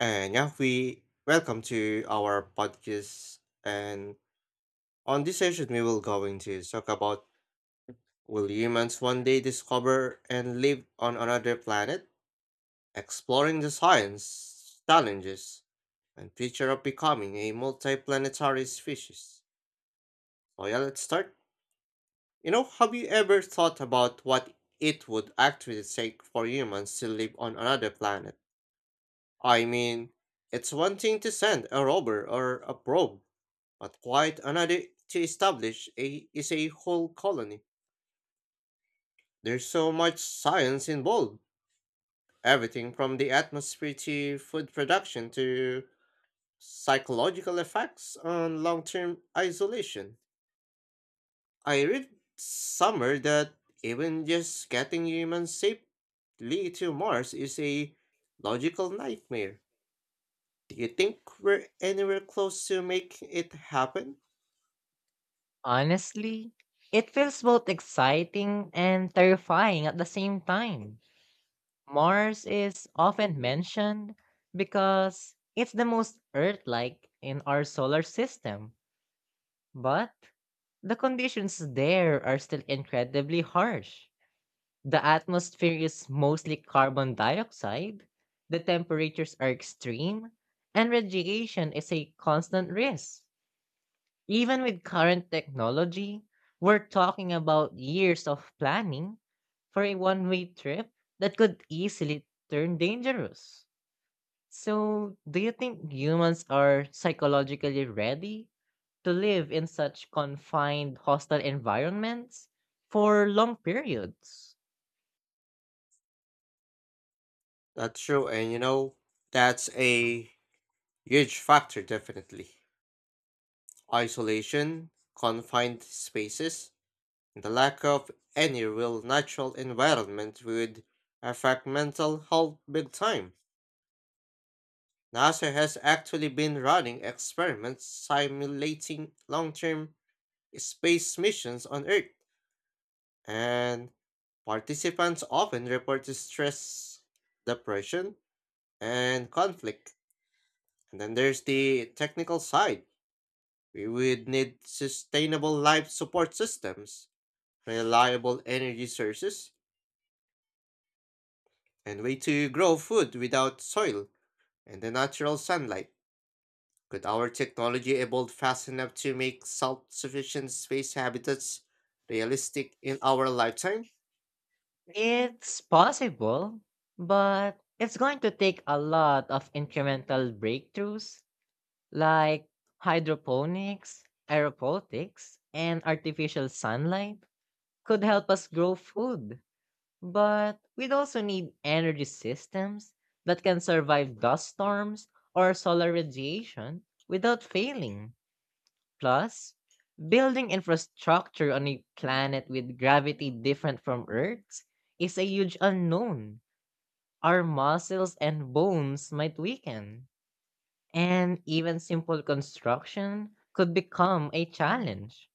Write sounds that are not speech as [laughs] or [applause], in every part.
And yeah, we welcome to our podcast. And on this session, we will going to talk about will humans one day discover and live on another planet, exploring the science challenges and future of becoming a multiplanetary species. So yeah, let's start. You know, have you ever thought about what it would actually take for humans to live on another planet? I mean, it's one thing to send a rover or a probe, but quite another to establish a whole colony. There's so much science involved. Everything from the atmosphere to food production to psychological effects on long-term isolation. I read somewhere that even just getting humans safely to Mars is a logical nightmare. Do you think we're anywhere close to making it happen? Honestly, it feels both exciting and terrifying at the same time. Mars is often mentioned because it's the most Earth like in our solar system, but the conditions there are still incredibly harsh. The atmosphere is mostly carbon dioxide, the temperatures are extreme, and radiation is a constant risk. Even with current technology, we're talking about years of planning for a one way trip that could easily turn dangerous. So, do you think humans are psychologically ready to live in such confined, hostile environments for long periods? That's true, and you know, that's a huge factor, definitely. Isolation, confined spaces, and the lack of any real natural environment would affect mental health big time. NASA has actually been running experiments simulating long term space missions on Earth, and participants often report stress, depression, and conflict. And then there's the technical side. We would need sustainable life support systems, reliable energy sources, and way to grow food without soil and the natural sunlight. Could our technology evolve fast enough to make self-sufficient space habitats realistic in our lifetime? It's possible, but it's going to take a lot of incremental breakthroughs like hydroponics, aeropotics, and artificial sunlight could help us grow food. But we'd also need energy systems that can survive dust storms or solar radiation without failing. Plus, building infrastructure on a planet with gravity different from Earth's is a huge unknown. Our muscles and bones might weaken and even simple construction could become a challenge.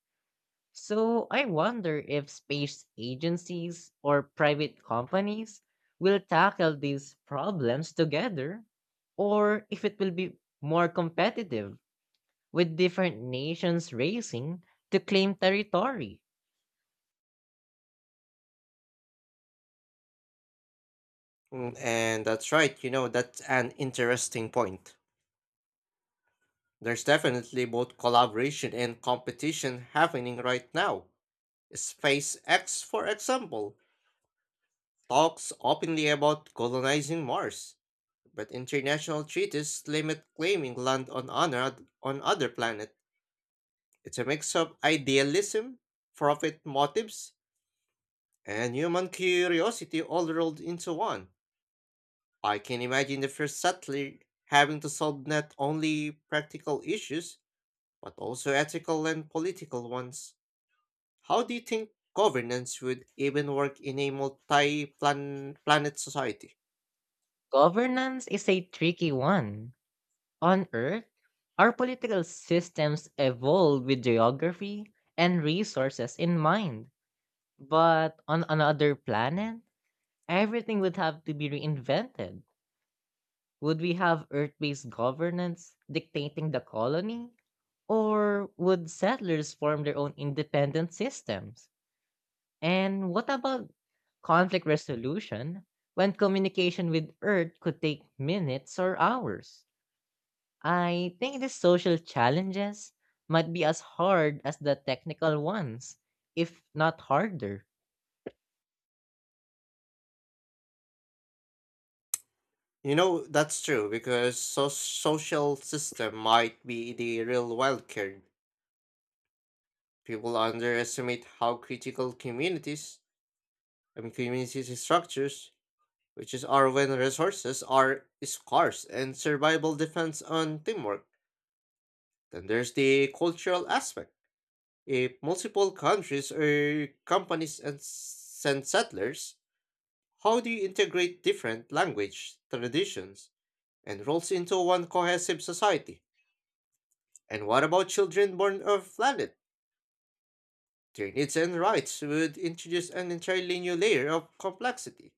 So I wonder if space agencies or private companies will tackle these problems together or if it will be more competitive with different nations racing to claim territory. Mm, and that's right, you know, that's an interesting point. There's definitely both collaboration and competition happening right now. SpaceX, for example, talks openly about colonizing Mars, but international treaties limit claiming land on honor on other planet. It's a mix of idealism, profit motives, and human curiosity all rolled into one. I can imagine the first settler having to solve not only practical issues, but also ethical and political ones. How do you think governance would even work in a multi-planet society? Governance is a tricky one. On Earth, our political systems evolve with geography and resources in mind. But on another planet, everything would have to be reinvented. Would we have Earth based governance dictating the colony? Or would settlers form their own independent systems? And what about conflict resolution when communication with Earth could take minutes or hours? I think the social challenges might be as hard as the technical ones, if not harder. You know, that's true because social system might be the real wild card. People underestimate how critical communities structures, which is are when resources are scarce and survival depends on teamwork. Then there's the cultural aspect. If multiple countries or companies and send settlers, how do you integrate different language, traditions, and roles into one cohesive society? And what about children born of planet? Their needs and rights would introduce an entirely new layer of complexity.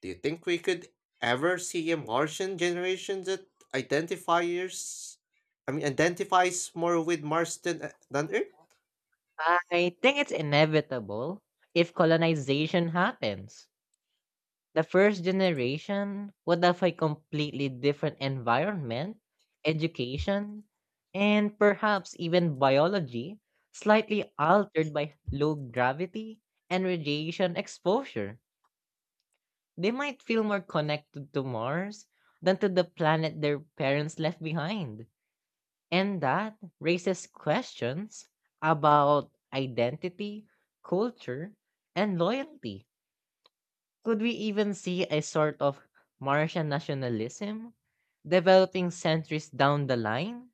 Do you think we could ever see a Martian generation that identifiers I mean identifies more with Mars than Earth? I think it's inevitable if colonization happens. The first generation would have a completely different environment, education, and perhaps even biology, slightly altered by low gravity and radiation exposure. They might feel more connected to Mars than to the planet their parents left behind. And that raises questions about identity, culture, and loyalty. Could we even see a sort of Martian nationalism developing centuries down the line?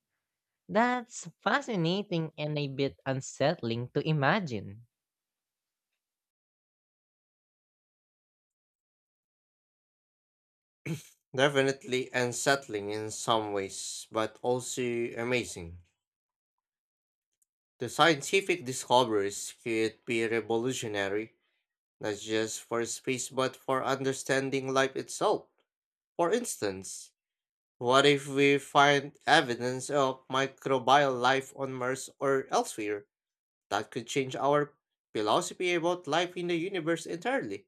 That's fascinating and a bit unsettling to imagine. Definitely unsettling in some ways, but also amazing. The scientific discoveries could be revolutionary, not just for space but for understanding life itself. For instance, what if we find evidence of microbial life on Mars or elsewhere? That could change our philosophy about life in the universe entirely.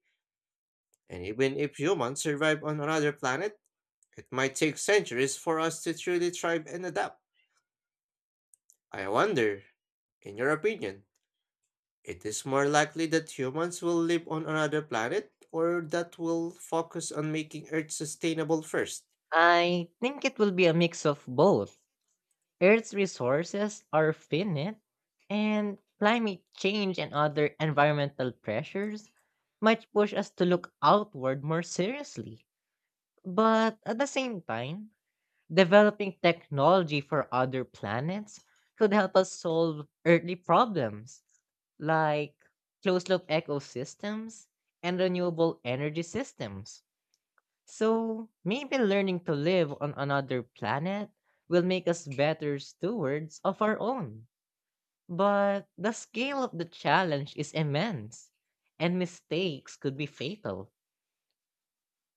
And even if humans survive on another planet, it might take centuries for us to truly thrive and adapt. I wonder, in your opinion, it is more likely that humans will live on another planet or that will focus on making Earth sustainable first? I think it will be a mix of both. Earth's resources are finite, and climate change and other environmental pressures might push us to look outward more seriously. But at the same time, developing technology for other planets could help us solve earthly problems like closed loop ecosystems and renewable energy systems. So maybe learning to live on another planet will make us better stewards of our own. But the scale of the challenge is immense, and mistakes could be fatal.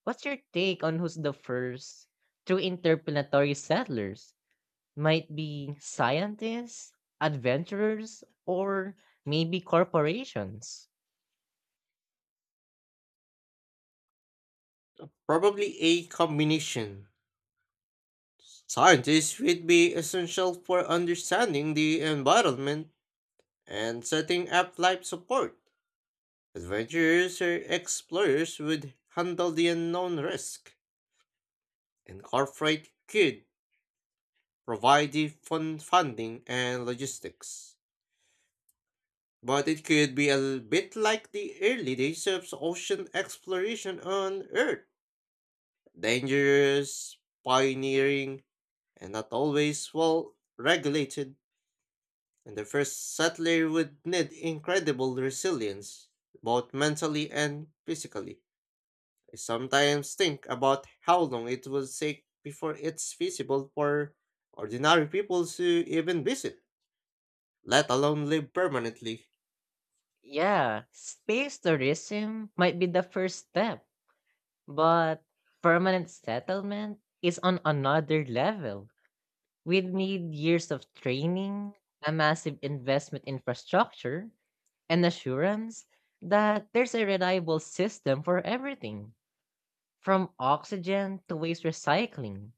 What's your take on who's the first true interplanetary settlers? Might be scientists, adventurers, or maybe corporations. Probably a combination. Scientists would be essential for understanding the environment and setting up life support. Adventurers or explorers would handle the unknown risk, and corporate could provide the funding and logistics. But it could be a bit like the early days of ocean exploration on Earth. Dangerous, pioneering, and not always well regulated. And the first settler would need incredible resilience, both mentally and physically. I sometimes think about how long it would take before it's feasible for ordinary people to even visit, let alone live permanently. Yeah, space tourism might be the first step. But permanent settlement is on another level. We'd need years of training, a massive investment infrastructure, and assurance that there's a reliable system for everything, from oxygen to waste recycling.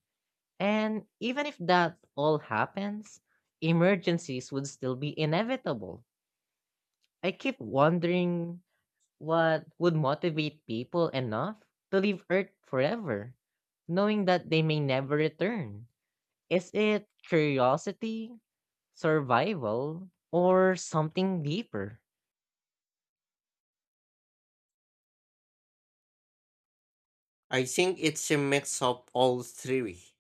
And even if that all happens, emergencies would still be inevitable. I keep wondering. What would motivate people enough to leave Earth forever, knowing that they may never return? Is it curiosity, survival, or something deeper? I think it's a mix of all three.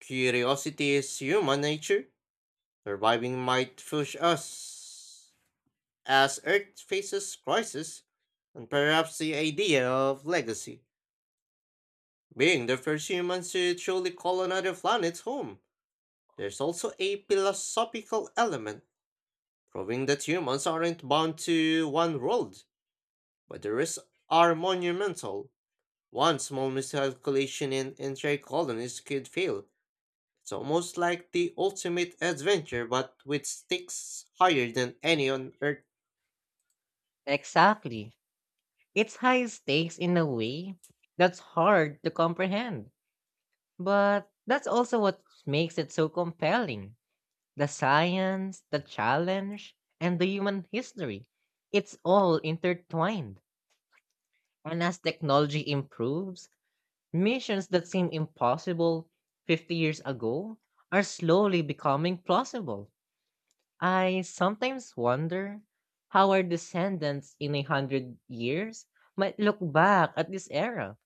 Curiosity is human nature. Surviving might push us as Earth faces crisis, and perhaps the idea of legacy being the first humans to truly call another planet home, there's also a philosophical element, proving that humans aren't bound to one world, but the risks are monumental. One small miscalculation in entire colonies could fail. It's almost like the ultimate adventure, but with stakes higher than any on Earth. Exactly. It's high stakes in a way that's hard to comprehend. But that's also what makes it so compelling. The science, the challenge, and the human history. It's all intertwined. And as technology improves, missions that seemed impossible 50 years ago are slowly becoming plausible. I sometimes wonder how our descendants in 100 years might look back at this era.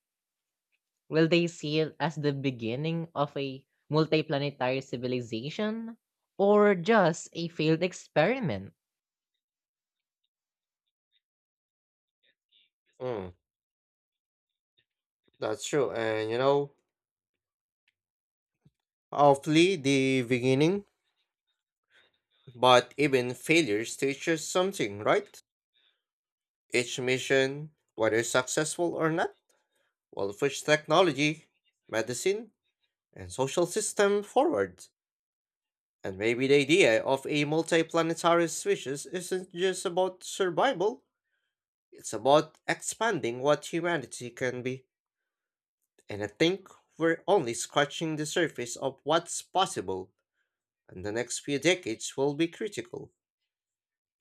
Will they see it as the beginning of a multiplanetary civilization or just a failed experiment? Mm, that's true, and you know, hopefully the beginning, but even failures teach us something, right? Each mission, whether successful or not, will push technology, medicine, and social system forward. And maybe the idea of a multiplanetary species isn't just about survival, it's about expanding what humanity can be. And I think we're only scratching the surface of what's possible, and the next few decades will be critical.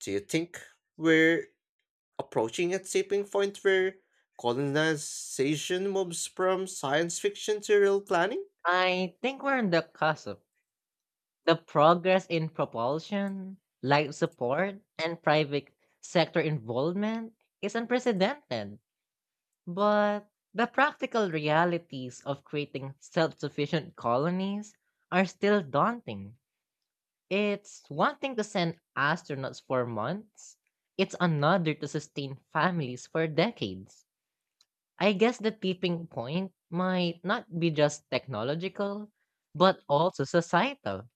Do you think we're approaching a tipping point where colonization moves from science fiction to real planning? I think we're on the cusp. The progress in propulsion, life support, and private sector involvement is unprecedented, but the practical realities of creating self sufficient colonies are still daunting. It's one thing to send astronauts for months, it's another to sustain families for decades. I guess the tipping point might not be just technological, but also societal.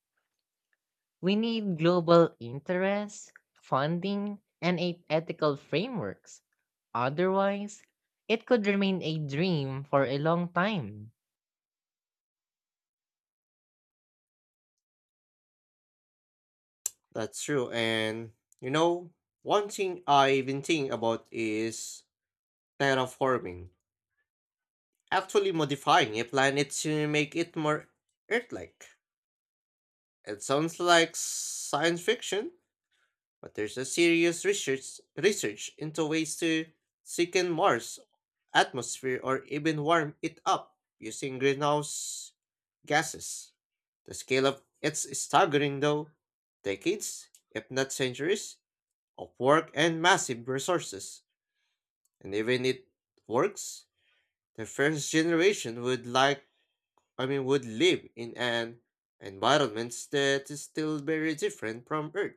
We need global interest, funding, and ethical frameworks. Otherwise, it could remain a dream for a long time. That's true. And, you know, one thing I've been thinking about is terraforming, actually modifying a planet to make it more Earth like. It sounds like science fiction, but there's a serious research into ways to sicken Mars atmosphere or even warm it up using greenhouse gases. The scale of it's staggering though. Decades, if not centuries, of work and massive resources. And even it works, the first generation would like I mean would live in an environment that is still very different from Earth.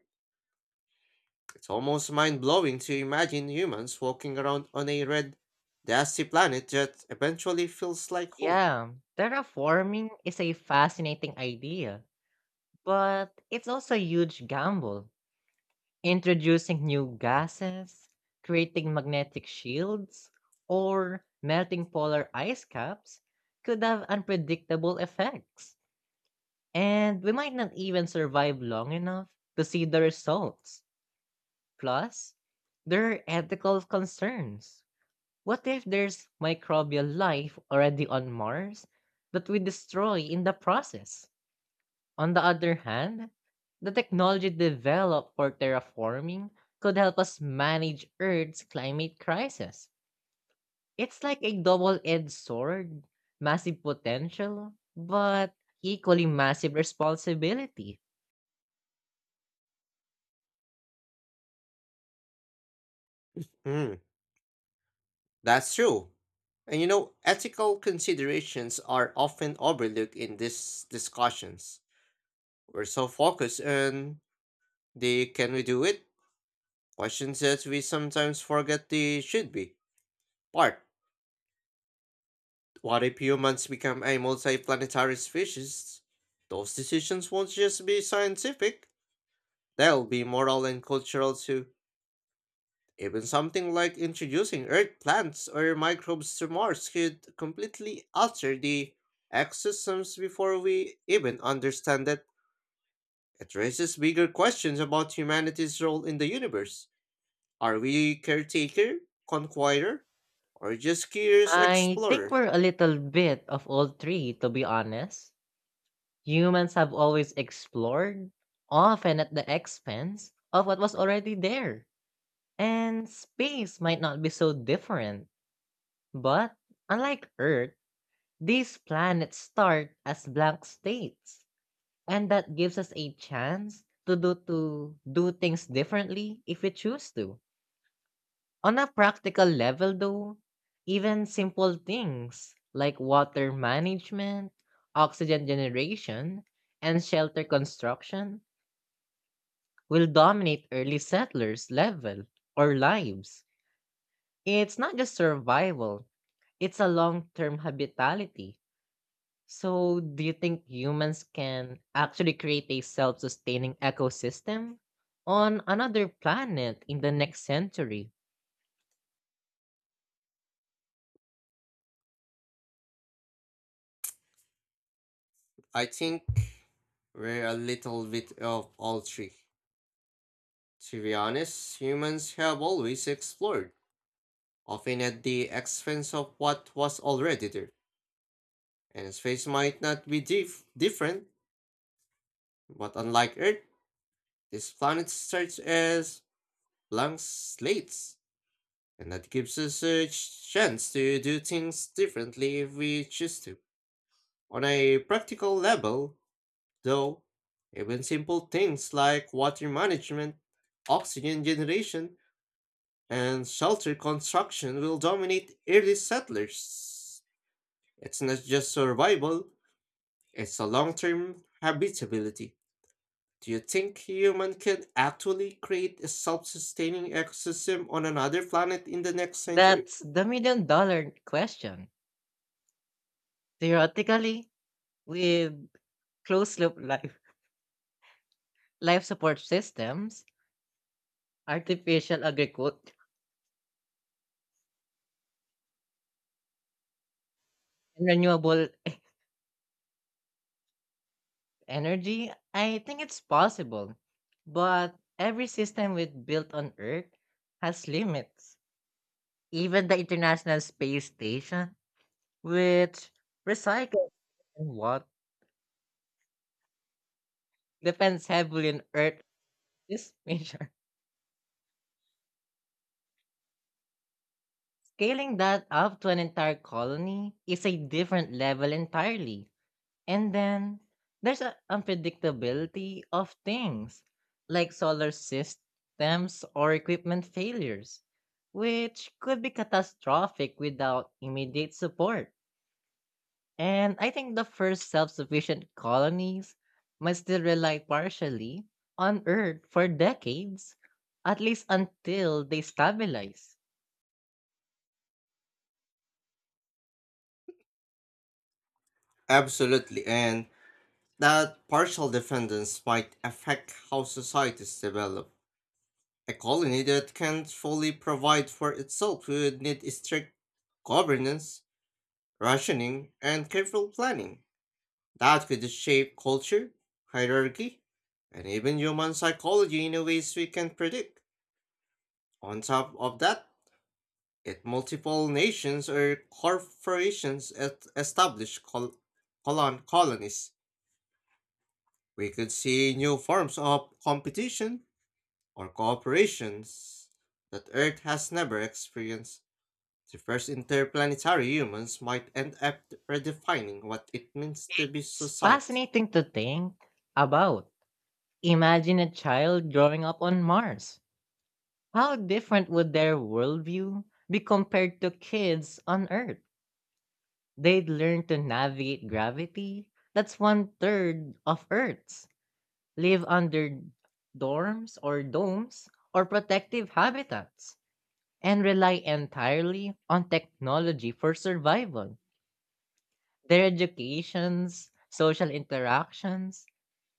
It's almost mind blowing to imagine humans walking around on a red, dusty planet that eventually feels like home. Yeah, terraforming is a fascinating idea, but it's also a huge gamble. Introducing new gases, creating magnetic shields, or melting polar ice caps could have unpredictable effects. And we might not even survive long enough to see the results. Plus, there are ethical concerns. What if there's microbial life already on Mars that we destroy in the process? On the other hand, the technology developed for terraforming could help us manage Earth's climate crisis. It's like a double edged sword. Massive potential, but equally massive responsibility. Hmm, that's true. And you know, ethical considerations are often overlooked in these discussions. We're so focused on the can we do it questions that we sometimes forget the should be part. What if humans become a multiplanetary species? Those decisions won't just be scientific, they'll be moral and cultural too. Even something like introducing earth plants or microbes to Mars could completely alter the ecosystems before we even understand it. It raises bigger questions about humanity's role in the universe. Are we caretaker, conqueror, or just curious I think explorer? we're a little bit of all three, to be honest. Humans have always explored, often at the expense of what was already there. And space might not be so different, but unlike Earth, these planets start as blank states, and that gives us a chance to do things differently if we choose to. On a practical level, though, even simple things like water management, oxygen generation, and shelter construction will dominate early settlers' level or lives. It's not just survival, it's a long term habitability. So, do you think humans can actually create a self sustaining ecosystem on another planet in the next century? I think we're a little bit of all three. To be honest, humans have always explored, often at the expense of what was already there. And space might not be different, but unlike Earth, this planet starts as blank slates, and that gives us a chance to do things differently if we choose to. On a practical level, though, even simple things like water management, oxygen generation, and shelter construction will dominate early settlers. It's not just survival, it's a long term habitability. Do you think human could actually create a self-sustaining ecosystem on another planet in the next century? That's the million dollar question. Theoretically, with closed-loop life support systems, artificial agriculture, and renewable energy, I think it's possible. But every system we built on Earth has limits. Even the International Space Station, which recycles and what depends heavily on Earth this measure. [laughs] Scaling that up to an entire colony is a different level entirely. And then there's an unpredictability of things like solar systems or equipment failures, which could be catastrophic without immediate support. And I think the first self sufficient colonies might still rely partially on Earth for decades, at least until they stabilize. Absolutely, and that partial dependence might affect how societies develop. A colony that can't fully provide for itself would need strict governance, rationing, and careful planning. That could shape culture, hierarchy, and even human psychology in a ways we can predict. On top of that, yet multiple nations or corporations establish colonies. We could see new forms of competition or cooperations that Earth has never experienced. The first interplanetary humans might end up redefining what it means to be It's society. fascinating to think about. Imagine a child growing up on Mars. How different would their worldview be compared to kids on Earth? They'd learn to navigate gravity. That's one third of Earth's. Live under dorms or domes or protective habitats and rely entirely on technology for survival. Their educations, social interactions,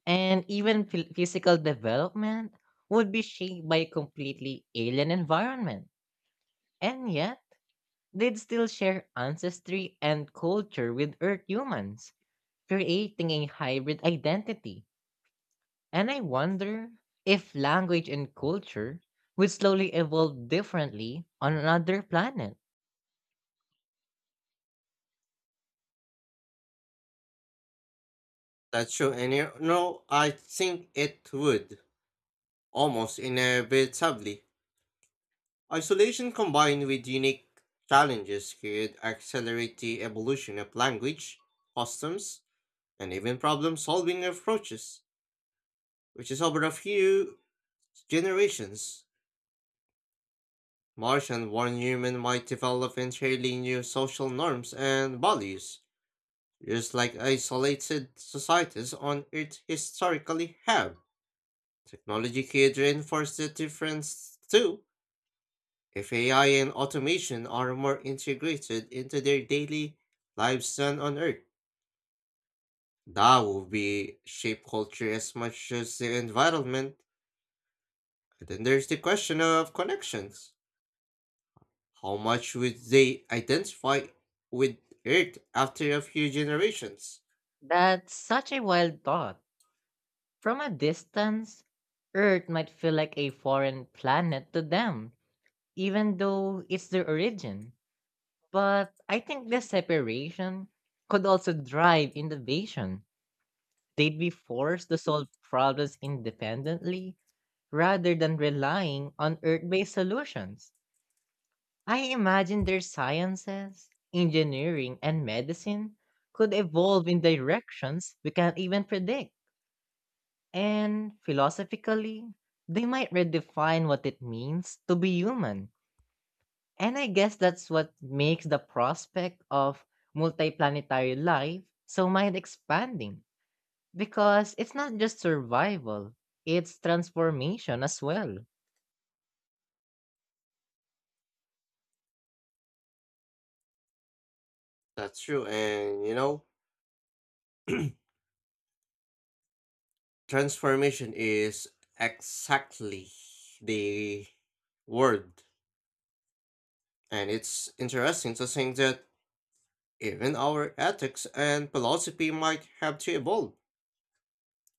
and even physical development would be shaped by a completely alien environment. And yet, they'd still share ancestry and culture with Earth humans, creating a hybrid identity. And I wonder if language and culture would slowly evolve differently on another planet. That's true, and you know, I think it would, almost inevitably. Isolation combined with unique challenges could accelerate the evolution of language, customs, and even problem solving approaches, which is over a few generations. Martian born human might develop entirely new social norms and values, just like isolated societies on Earth historically have. Technology could reinforce the difference too, if AI and automation are more integrated into their daily lives than on Earth, that will be shape culture as much as the environment. And then there's the question of connections. How much would they identify with Earth after a few generations? That's such a wild thought. From a distance, Earth might feel like a foreign planet to them, even though it's their origin. But I think this separation could also drive innovation. They'd be forced to solve problems independently rather than relying on earth based solutions. I imagine their sciences, engineering, and medicine could evolve in directions we can't even predict. And philosophically, they might redefine what it means to be human. And I guess that's what makes the prospect of multiplanetary life so mind expanding. Because it's not just survival, it's transformation as well. That's true, and you know, [clears throat] transformation is exactly the word. And it's interesting to think that even our ethics and philosophy might have to evolve.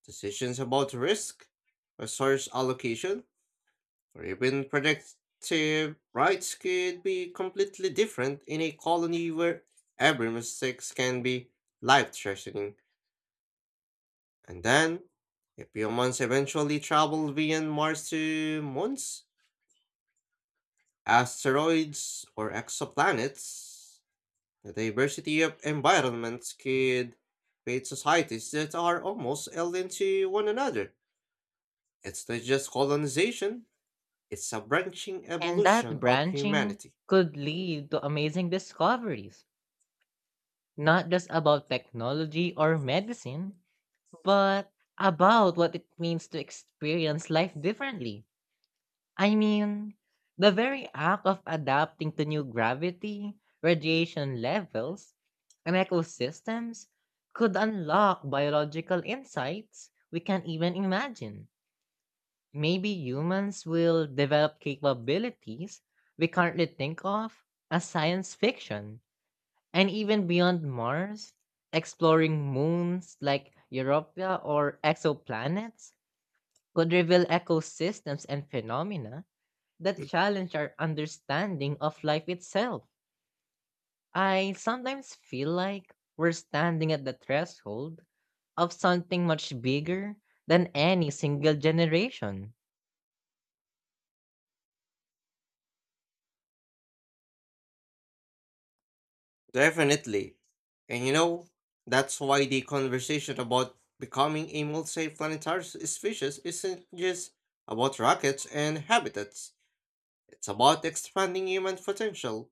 Decisions about risk, resource allocation, or even productive rights could be completely different in a colony where every mistake can be life threatening. And then, if humans eventually travel beyond Mars to moons, asteroids, or exoplanets, the diversity of environments could create societies that are almost alien to one another. It's not just colonization, it's a branching And that evolution of branching humanity. could lead to amazing discoveries, not just about technology or medicine, but about what it means to experience life differently. I mean, the very act of adapting to new gravity, radiation levels, and ecosystems could unlock biological insights we can't even imagine. Maybe humans will develop capabilities we currently think of as science fiction. And even beyond Mars, exploring moons like Europa or exoplanets could reveal ecosystems and phenomena that challenge our understanding of life itself. I sometimes feel like we're standing at the threshold of something much bigger than any single generation. Definitely. And you know, that's why the conversation about becoming a multiplanetary species isn't just about rockets and habitats. It's about expanding human potential,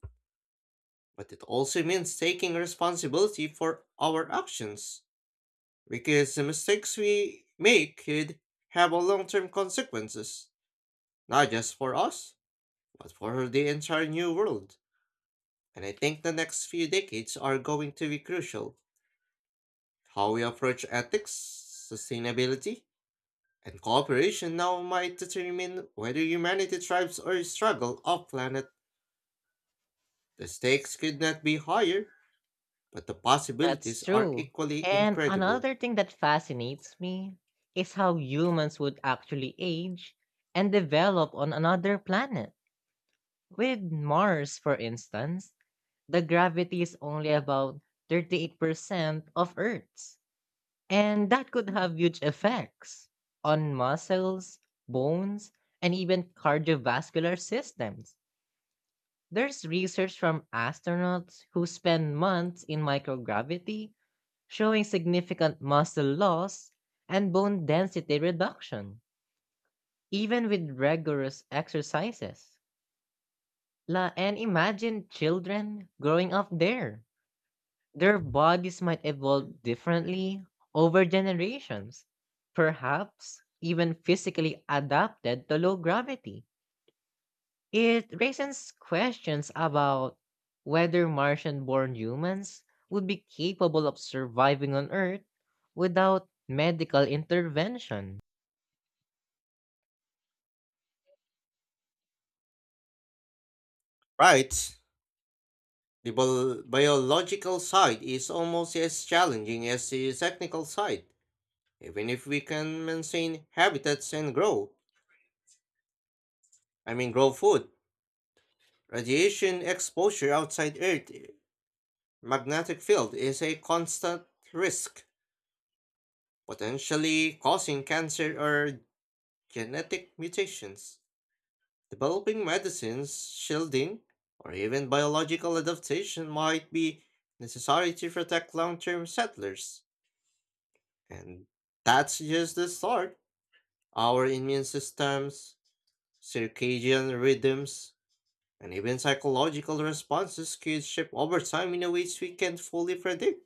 but it also means taking responsibility for our actions. Because the mistakes we make could have a long term consequences, not just for us, but for the entire new world. And I think the next few decades are going to be crucial. How we approach ethics, sustainability, and cooperation now might determine whether humanity thrives or struggles off planet. The stakes could not be higher, but the That's possibilities are true. equally And incredible. another thing that fascinates me is how humans would actually age and develop on another planet. With Mars, for instance, the gravity is only about 38% of Earth's, and that could have huge effects on muscles, bones, and even cardiovascular systems. There's research from astronauts who spend months in microgravity showing significant muscle loss and bone density reduction, even with rigorous exercises. And imagine children growing up there. Their bodies might evolve differently over generations, perhaps even physically adapted to low gravity. It raises questions about whether Martian born humans would be capable of surviving on Earth without medical intervention. Right? The biological side is almost as challenging as the technical side. Even if we can maintain habitats and grow, I mean grow food, radiation exposure outside Earth magnetic field is a constant risk, potentially causing cancer or genetic mutations. Developing medicines, shielding, or even biological adaptation might be necessary to protect long-term settlers. And that's just the start. Our immune systems, circadian rhythms, and even psychological responses could shift over time in a ways we can't fully predict.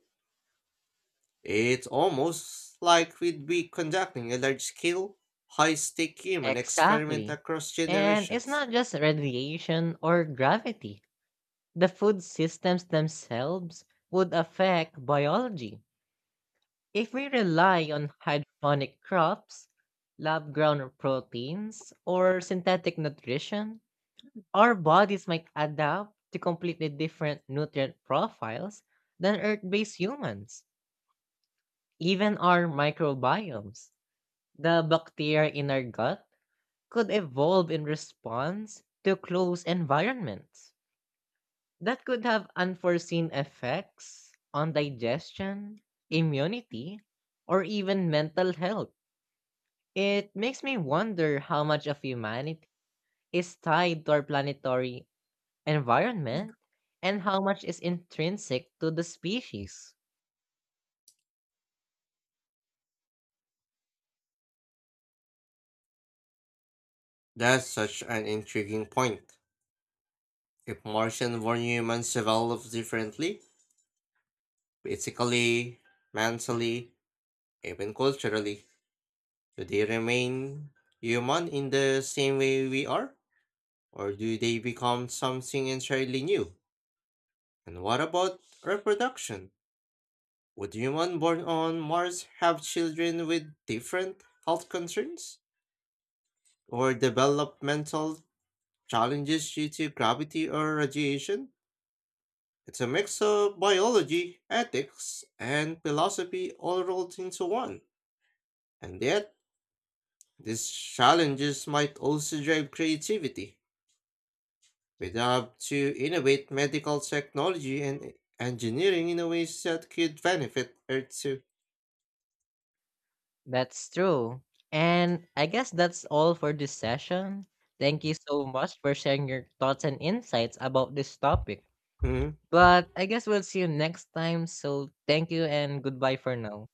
It's almost like we'd be conducting a large scale, high stake human experiment Exactly. across And it's generations. not just radiation or gravity. The food systems themselves would affect biology. If we rely on hydroponic crops, lab grown proteins, or synthetic nutrition, our bodies might adapt to completely different nutrient profiles than Earth based humans. Even our microbiomes, the bacteria in our gut, could evolve in response to close environments. That could have unforeseen effects on digestion, immunity, or even mental health. It makes me wonder how much of humanity is tied to our planetary environment, and how much is intrinsic to the species. That's such an intriguing point. If Martian born humans evolve differently, physically, mentally, even culturally, do they remain human in the same way we are? Or do they become something entirely new? And what about reproduction? Would human born on Mars have children with different health concerns? Or developmental challenges due to gravity or radiation? It's a mix of biology, ethics, and philosophy all rolled into one. And yet, these challenges might also drive creativity. We'd have to innovate medical technology and engineering in a ways that could benefit Earth too. That's true. And I guess that's all for this session. Thank you so much for sharing your thoughts and insights about this topic. hmm But I guess we'll see you next time. So thank you and goodbye for now.